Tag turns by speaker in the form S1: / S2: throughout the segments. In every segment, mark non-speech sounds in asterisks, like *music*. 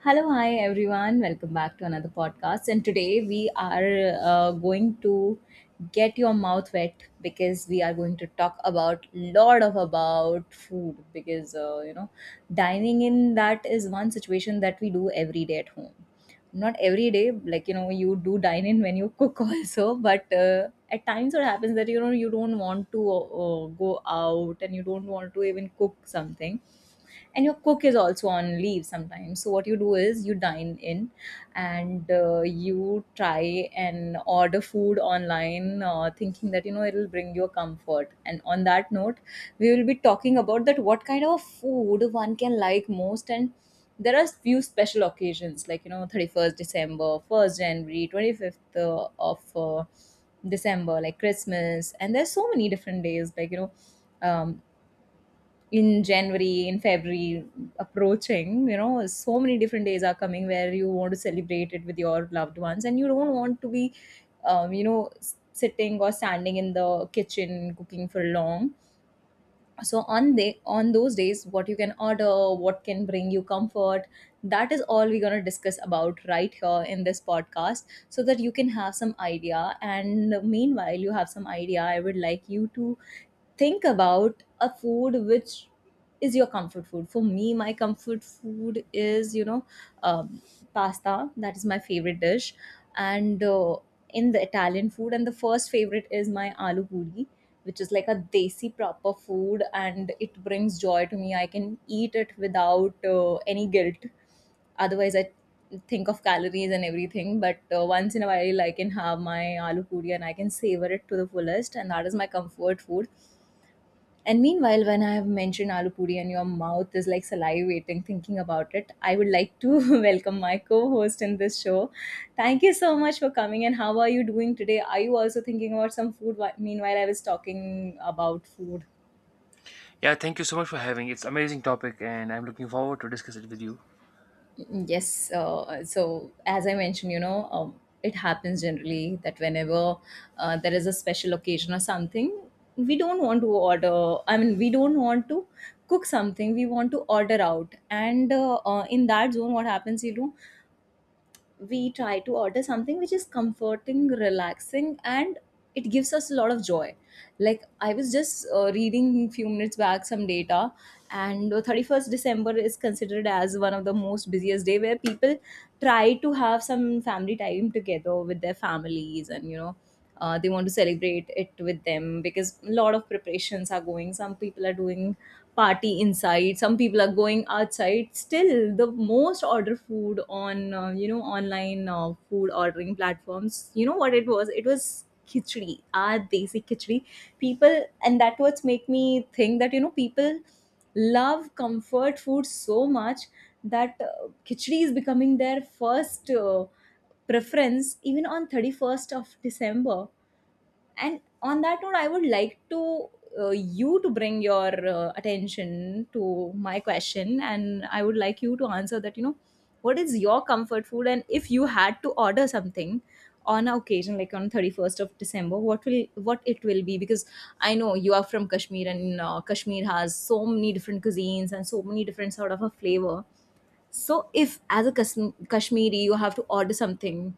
S1: Hello, hi everyone. Welcome back to another podcast. And today we are going to get your mouth wet because we are going to talk about lot of about food because you know dining in, that is one situation that we do every day at home. Not every day, like you know, you do dine in when you cook *laughs* also, but at times what happens that you know you don't want to go out and you don't want to even cook something, and your cook is also on leave sometimes, so what you do is you dine in. And you try and order food online, thinking that you know it'll bring you a comfort. And on that note, we will be talking about that, what kind of food one can like most. And there are few special occasions, like you know, 31st December, 1st January, 25th of December, like Christmas, and there's so many different days, like you know, um, in January, in February approaching, you know, so many different days are coming where you want to celebrate it with your loved ones, and you don't want to be, you know, sitting or standing in the kitchen cooking for long. So on the on those days, what you can order, what can bring you comfort, that is all we're going to discuss about right here in this podcast, so that you can have some idea. And meanwhile you have some idea, I would like you to think about a food which is your comfort food. For me, my comfort food is, you know, um, pasta. That is my favorite dish. And in the Italian food. And the first favorite is my aloo puri, which is like a desi proper food, and it brings joy to me. I can eat it without any guilt. Otherwise, I think of calories and everything. But once in a while, I can have my aloo puri and I can savor it to the fullest, and that is my comfort food. And meanwhile, when I have mentioned aloo puri and your mouth is like salivating thinking about it, I would like to *laughs* welcome my co-host in this show. Thank you so much for coming. And how are you doing today? Are you also thinking about some food? Meanwhile, I was talking about food.
S2: Yeah, thank you so much for having. It's amazing topic and I'm looking forward to discuss it with you.
S1: Yes. So, as I mentioned, you know, it happens generally that whenever there is a special occasion or something, we don't want to order. I mean, we don't want to cook something. We want to order out. And in that zone, what happens, you know, we try to order something which is comforting, relaxing, and it gives us a lot of joy. Like I was just reading few minutes back some data, and 31st December is considered as one of the most busiest day, where people try to have some family time together with their families. And you know, they want to celebrate it with them because a lot of preparations are going, some people are doing party inside, some people are going outside. Still, the most order food on, you know, online food ordering platforms, you know what it was? It was khichdi, our desi khichdi, people. And that was make me think that, you know, people love comfort food so much that khichdi is becoming their first preference even on 31st of December. And on that note, I would like to you to bring your attention to my question, and I would like you to answer that, you know, what is your comfort food. And if you had to order something on a occasion like on 31st of December, what will, what it will be? Because I know you are from Kashmir, and Kashmir has so many different cuisines and so many different sort of a flavor. So, if as a Kashmiri you have to order something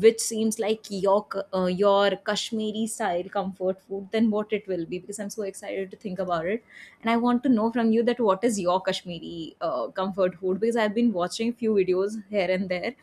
S1: which seems like your your Kashmiri style comfort food, then what it will be? Because I'm so excited to think about it, and I want to know from you that what is your Kashmiri comfort food. Because I've been watching few videos here and there,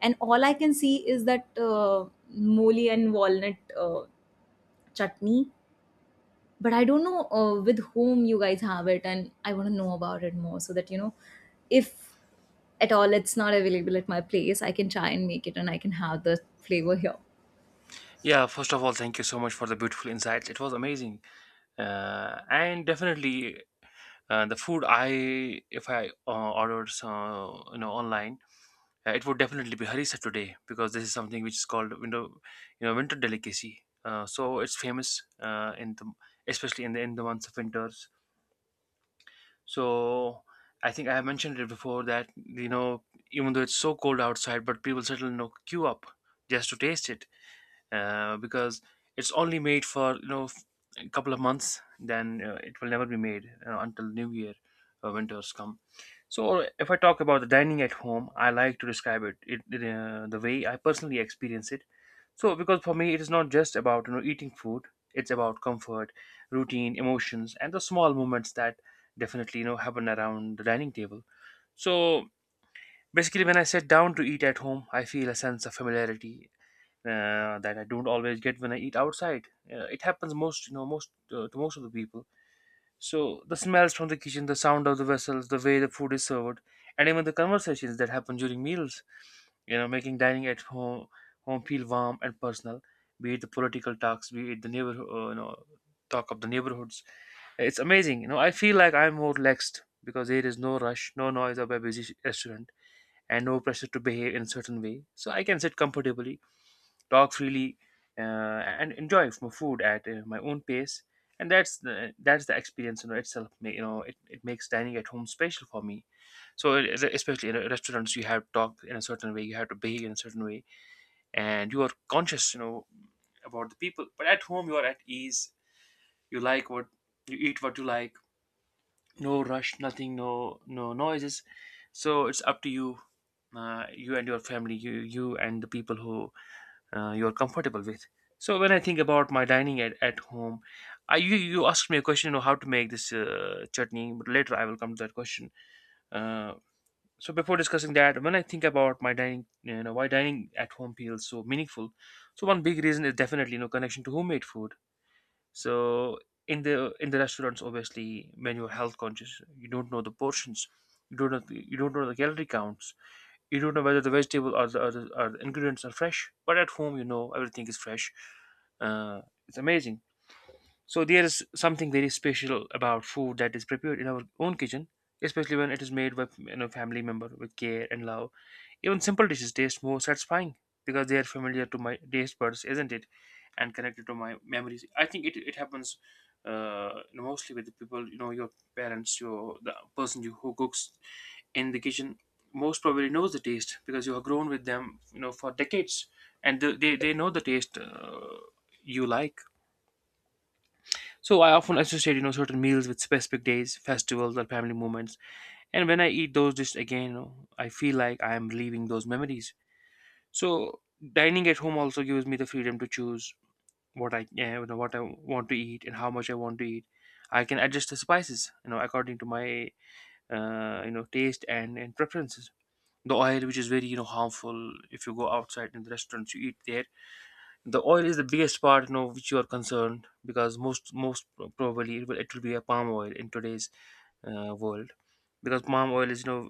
S1: and all I can see is that, moli and walnut chutney. But I don't know with whom you guys have it, and I want to know about it more so that you know, if at all it's not available at my place, I can try and make it and I can have the flavor here.
S2: Yeah, first of all, thank you so much for the beautiful insights. It was amazing. And definitely the food I if I ordered so, you know online, it would definitely be harissa today because this is something which is called window you know winter delicacy. So it's famous in the especially in the months of winters. So I think I have mentioned it before that you know even though it's so cold outside, but people still you know queue up just to taste it because it's only made for you know a couple of months. Then it will never be made until New Year winters come. So if I talk about the dining at home, I like to describe it, it the way I personally experience it so, because for me, it is not just about you know eating food; it's about comfort, routine, emotions, and the small moments that definitely you know happen around the dining table. So basically, when I sit down to eat at home, I feel a sense of familiarity that I don't always get when I eat outside. It happens most you know most to most of the people, so the smells from the kitchen, the sound of the vessels, the way the food is served, and even the conversations that happen during meals, you know, making dining at home feel warm and personal. Be it the political talks, be it the neighborhood, you know, talk of the neighborhoods. It's amazing, you know. I feel like I'm more relaxed because there is no rush, no noise of a busy restaurant, and no pressure to behave in a certain way. So I can sit comfortably talk freely, uh, and enjoy food at my own pace. And that's the experience in itself. You know, it makes dining at home special for me. Especially in restaurants, you have to talk in a certain way, you have to behave in a certain way, and you are conscious, you know, about the people. But at home, you are at ease. You like what you eat, what you like. No rush, nothing, no noises. So it's up to you, you and your family, you and the people who you're comfortable with. So when I think about my dining at home, I you asked me a question, you know, how to make this chutney, but later I will come to that question. Uh, so before discussing that, when I think about my dining, you know, why dining at home feels so meaningful, so one big reason is definitely you know connection to homemade food. So in the restaurants, obviously, when you're health conscious, you don't know the portions, you don't know you don't know the calorie counts, you don't know whether the vegetable or the ingredients are fresh, but at home you know everything is fresh. Uh, it's amazing. So there is something very special about food that is prepared in our own kitchen, especially when it is made by you know family member with care and love. Even simple dishes taste more satisfying because they are familiar to my taste buds, isn't it? And connected to my memories. I think it happens mostly with the people, you know, your parents, your the person who cooks in the kitchen most probably knows the taste because you have grown with them, you know, for decades, and they know the taste you like. So I often associate, you know, certain meals with specific days, festivals, or family moments. And when I eat those dishes again, you know, I feel like I am reliving those memories. So dining at home also gives me the freedom to choose what I, you know, what I want to eat and how much I want to eat. I can adjust the spices, you know, according to my, you know, taste and preferences. The oil, which is very, you know, harmful if you go outside in the restaurants you eat there, the oil is the biggest part you know which you are concerned, because most probably it will be a palm oil in today's world, because palm oil is you know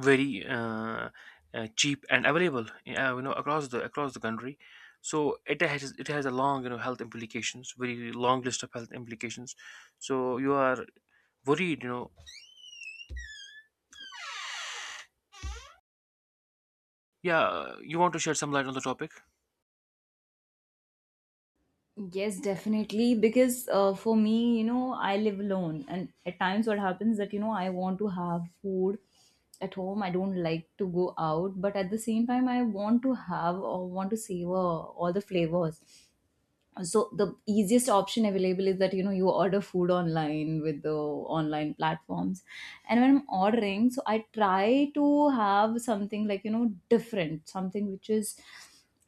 S2: very cheap and available you know across the country. So it has a long you know health implications, very long list of health implications. So you are worried you know, yeah, you want to shed some light on the topic.
S1: Yes, definitely. Because for me, you know, I live alone, and at times what happens that you know I want to have food at home. I don't like to go out, but at the same time, I want to have or want to savor all the flavors. So the easiest option available is that you know you order food online with the online platforms. And when I'm ordering, so I try to have something like, you know, different, something which is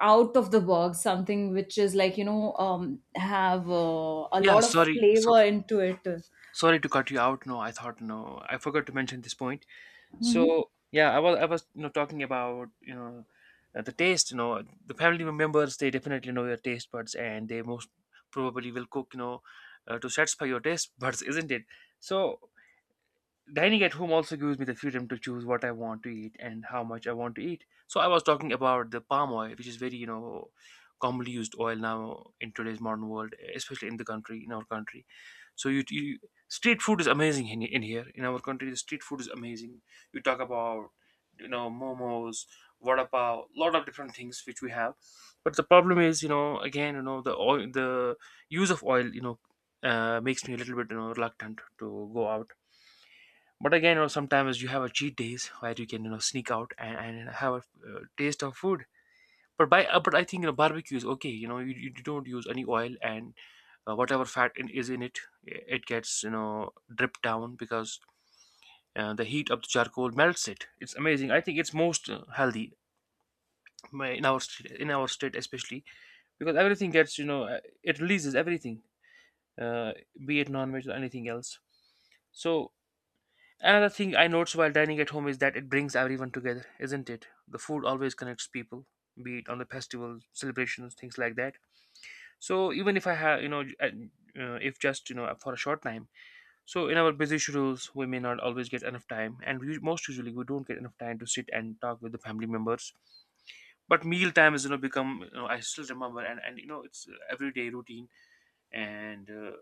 S1: out of the box, something which is like, you know, have a
S2: Yeah,
S1: lot of
S2: sorry, so
S1: flavor into it.
S2: sorry to cut you out. No, I thought, no, I forgot to mention this point. So
S1: Hmm.
S2: yeah, I was you know talking about you know the taste. You know the family members they definitely know your taste buds and they most probably will cook you know to satisfy your taste buds, *laughs* isn't it? So dining at home also gives me the freedom to choose what I want to eat and how much I want to eat. So I was talking about the palm oil, which is very, you know, commonly used oil now in today's modern world, especially in the country, in our country. So you street food is amazing in here. In our country, the street food is amazing. You talk about, you know, momos, vada pav, lot of different things which we have. But the problem is, you know, again, you know, the oil, the use of oil, you know, makes me a little bit, you know, reluctant to go out. But again, you know, sometimes you have a cheat days where you can you know sneak out and have a taste of food, but by but I think you know barbecue is okay, you know you don't use any oil, and whatever fat is in it it gets you know dripped down because the heat of the charcoal melts it. It's amazing. I think it's most healthy, in our state, in our state especially, because everything gets you know it releases everything, uh, be it non-veg or anything else. So another thing I notice while dining at home is that it brings everyone together, isn't it? The food always connects people, be it on the festivals, celebrations, things like that. So even if I have, you know, if just you know for a short time. So in our busy schedules, we may not always get enough time, and we, most usually we don't get enough time to sit and talk with the family members. But meal time is you know become you know I still remember and you know it's everyday routine and. Uh,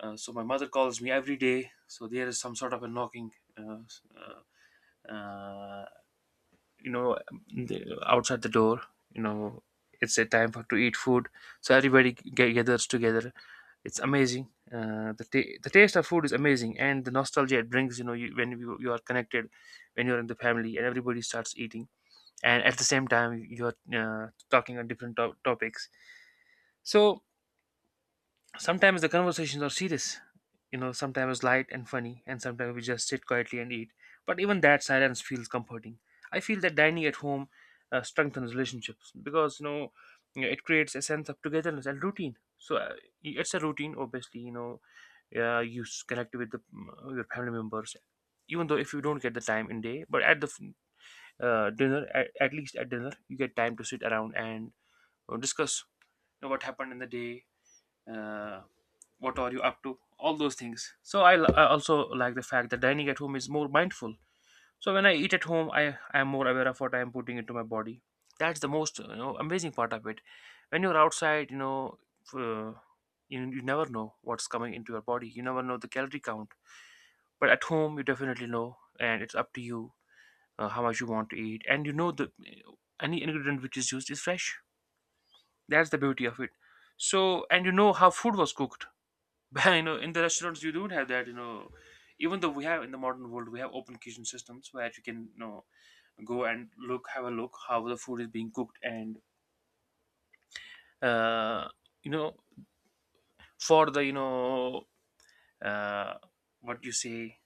S2: uh, so my mother calls me every day. So there is some sort of a knocking uh, uh, you know, the outside the door, you know, it's a time for to eat food, so everybody gathers together. It's amazing, the, the taste of food is amazing, and the nostalgia it brings you know when you are connected, when you're in the family and everybody starts eating, and at the same time you're talking on different topics. So sometimes the conversations are serious, you know, sometimes light and funny, and sometimes we just sit quietly and eat. But even that silence feels comforting. I feel that dining at home strengthens relationships because, you know, yeah, it creates a sense of togetherness and routine. So it's a routine, obviously, you know, you connect with your family members, even though if you don't get the time in day, but at dinner, at least at dinner, you get time to sit around and discuss you know, what happened in the day. Uh, what are you up to all those things. So I, I also like the fact that dining at home is more mindful. So when I eat at home, I am more aware of what I am putting into my body. That's the most you know amazing part of it. When you're outside, you know, uh, you never know what's coming into your body, you never know the calorie count. But at home you definitely know, and it's up to you how much you want to eat, and you know the any ingredient which is used is fresh. That's the beauty of it. So and you know how food was cooked, but *laughs* you know, in the restaurants you don't have that. You know, even though we have in the modern world we have open kitchen systems where you can go and look, have a look how the food is being cooked. And uh, you know for the you know uh, what you say.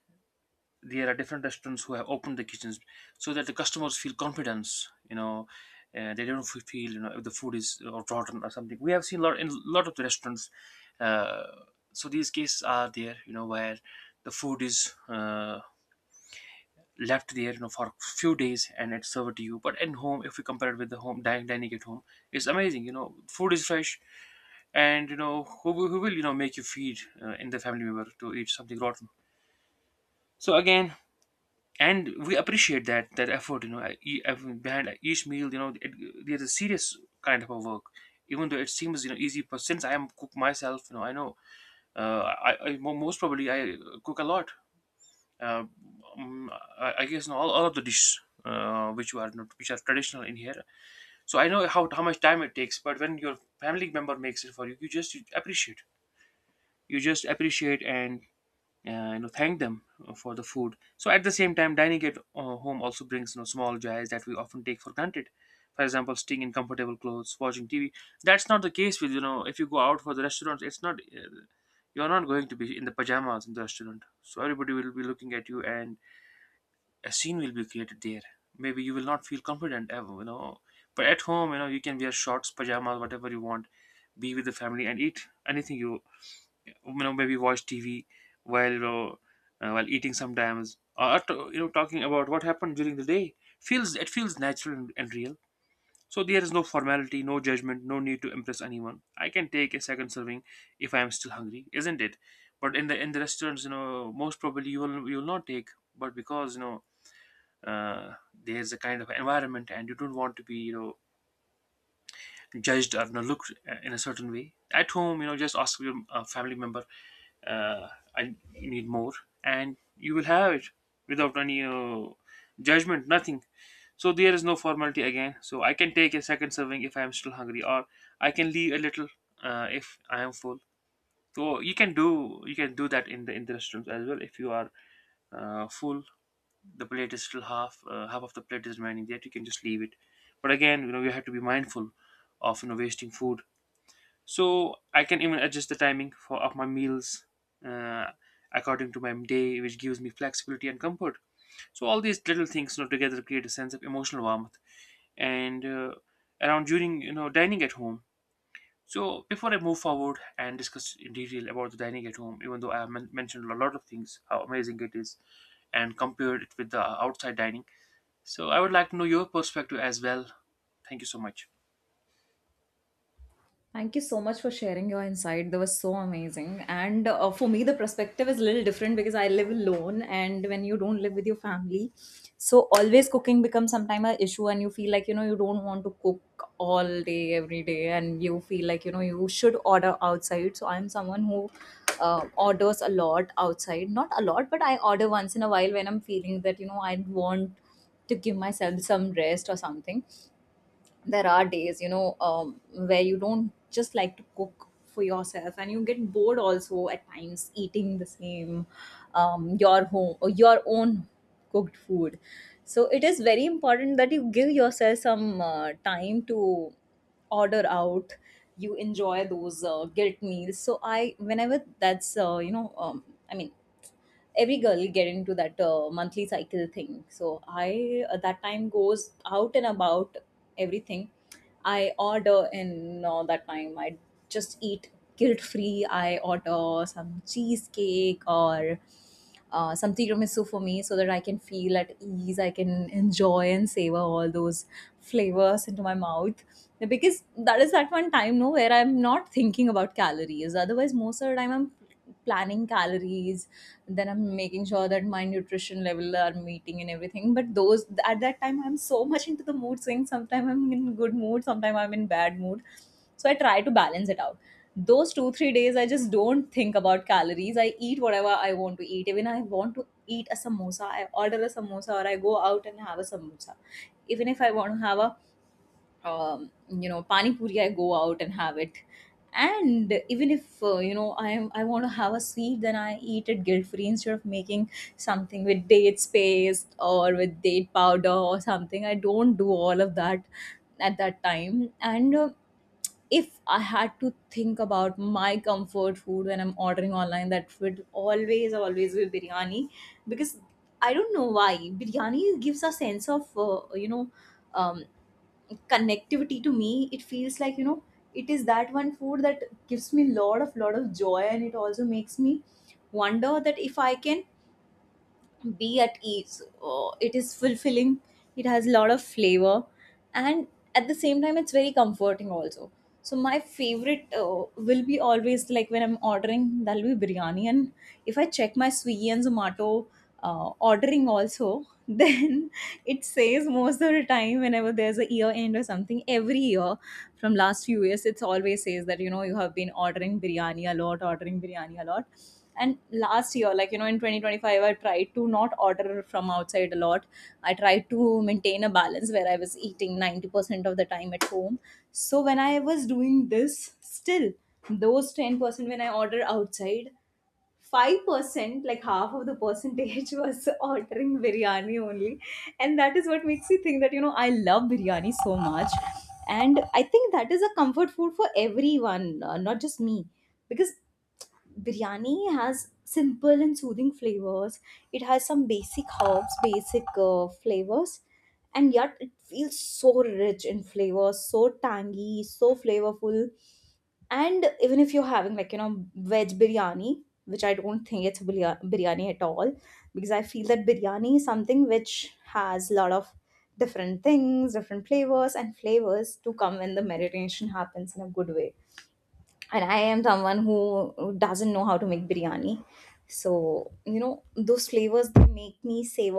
S2: There are different restaurants who have opened the kitchens so that the customers feel confidence. They don't feel, you know, if the food is rotten or something. We have seen a lot in a lot of the restaurants. Uh, so these cases are there, you know, where the food is left there, you know, for few days and it's served to you. But in home, if we compare it with the home dining, dining at home, it's amazing, you know, food is fresh. And you know who, who will, you know, make you feed in the family member to eat something rotten? So again, and we appreciate that that effort, I mean, behind each meal, there's a serious kind of a work. Even though it seems, you know, easy, but since I am cook myself, you know, I know. Most probably I cook a lot. Uh, um, I, I guess no, all of the dishes which are not, which are traditional in here. So I know how much time it takes, but when your family member makes it for you, you just appreciate. You just appreciate and you know, thank them for the food. So at the same time, dining at home also brings, you know, small joys that we often take for granted. For example, staying in comfortable clothes, watching TV. That's not the case with, you know, if you go out for the restaurants, it's not. You're not going to be in the pajamas in the restaurant, so everybody will be looking at you and a scene will be created there. Maybe you will not feel confident ever, you know. But at home, you know, you can wear shorts, pajamas, whatever you want, be with the family and eat anything you maybe watch TV while while eating sometimes, or you know, talking about what happened during the day. Feels it feels natural and real. So there is no formality, no judgment, no need to impress anyone. I can take a second serving if I am still hungry, isn't it? But in the restaurants, you know, most probably you will not take. But because you know uh, there's a kind of environment and you don't want to be, you know, judged or, you know, looked in a certain way. At home, you know, just ask your family member, uh, I need more, and you will have it without any judgment, nothing. So there is no formality again, so I can take a second serving if I am still hungry, or I can leave a little if I am full. So you can do that in the restaurants as well. If you are full, the plate is still half, half of the plate is remaining there, you can just leave it. But again, you know, you have to be mindful of, you know, wasting food. So I can even adjust the timing for of my meals uh, according to my day, which gives me flexibility and comfort. So all these little things, you know, together create a sense of emotional warmth and around during, you know, dining at home. So before I move forward and discuss in detail about the dining at home, even though I have mentioned a lot of things how amazing it is and compared it with the outside dining, so I would like to know your perspective as well. Thank you so much.
S1: Thank you so much for sharing your insight. That was so amazing. And for me, the perspective is a little different because I live alone, and when you don't live with your family, so always cooking becomes sometimes an issue, and you feel like you know you don't want to cook all day every day, and you feel like you know you should order outside. So I'm someone who orders a lot outside, not a lot, but I order once in a while when I'm feeling that you know I want to give myself some rest or something. There are days, you know, where you don't just like to cook for yourself, and you get bored also at times eating the same, your home or your own cooked food. So it is very important that you give yourself some time to order out, you enjoy those guilt meals. So I whenever that's, you know, I mean, every girl get into that monthly cycle thing. So I at that time goes out and about everything I order. And that time I just eat guilt free. I order some cheesecake or some tiramisu for me, so that I can feel at ease, I can enjoy and savor all those flavors into my mouth. Because that is that one time, no, where I'm not thinking about calories. Otherwise most of the time I'm planning calories, then I'm making sure that my nutrition level are meeting and everything. But those, at that time I'm so *laughs* much into the mood swings, sometimes I'm in good mood, sometimes I'm in bad mood, so I try to balance it out. Those 2 3 days I just don't think about calories, I eat whatever I want to eat. Even I want to eat a samosa, I order a samosa or I go out and have a samosa. Even if I want to have a, you know, pani puri, I go out and have it. And even if, you know, I am, I want to have a sweet, then I eat it guilt free instead of making something with dates paste or with date powder or something. I don't do all of that at that time. And if I had to think about my comfort food when I'm ordering online, that would always always be biryani. Because I don't know why, biryani gives a sense of, you know, um, connectivity to me. It feels like, you know, it is that one food that gives me lot of joy, and it also makes me wonder that if I can be at ease. Oh, it is fulfilling. It has a lot of flavor, and at the same time, it's very comforting also. So my favorite will be always like when I'm ordering, that'll be biryani. And if I check my Swiggy and Zomato ordering also, *laughs* then it says most of the time whenever there's a year end or something, every year from last few years, it's always says that you know you have been ordering biryani a lot, ordering biryani a lot. And last year, like you know, in 2025 I tried to not order from outside a lot. I tried to maintain a balance where I was eating 90% of the time at home. So when I was doing this, still those 10% when I order outside, 5% like half of the percentage *laughs* was ordering biryani only. And that is what makes you think that you know I love biryani so much. And I think that is a comfort food for everyone, not just me. Because biryani has simple and soothing flavors. It has some basic herbs, basic flavors, and yet it feels so rich in flavors, so tangy, so flavorful. And even if you're having like you know veg biryani, which I don't think it's biryani at all, because I feel that biryani is something which has a lot of different things, different flavors, and flavors to come when the marination happens in a good way. And I am someone who doesn't know how to make biryani. So, you know, those flavors they make me savor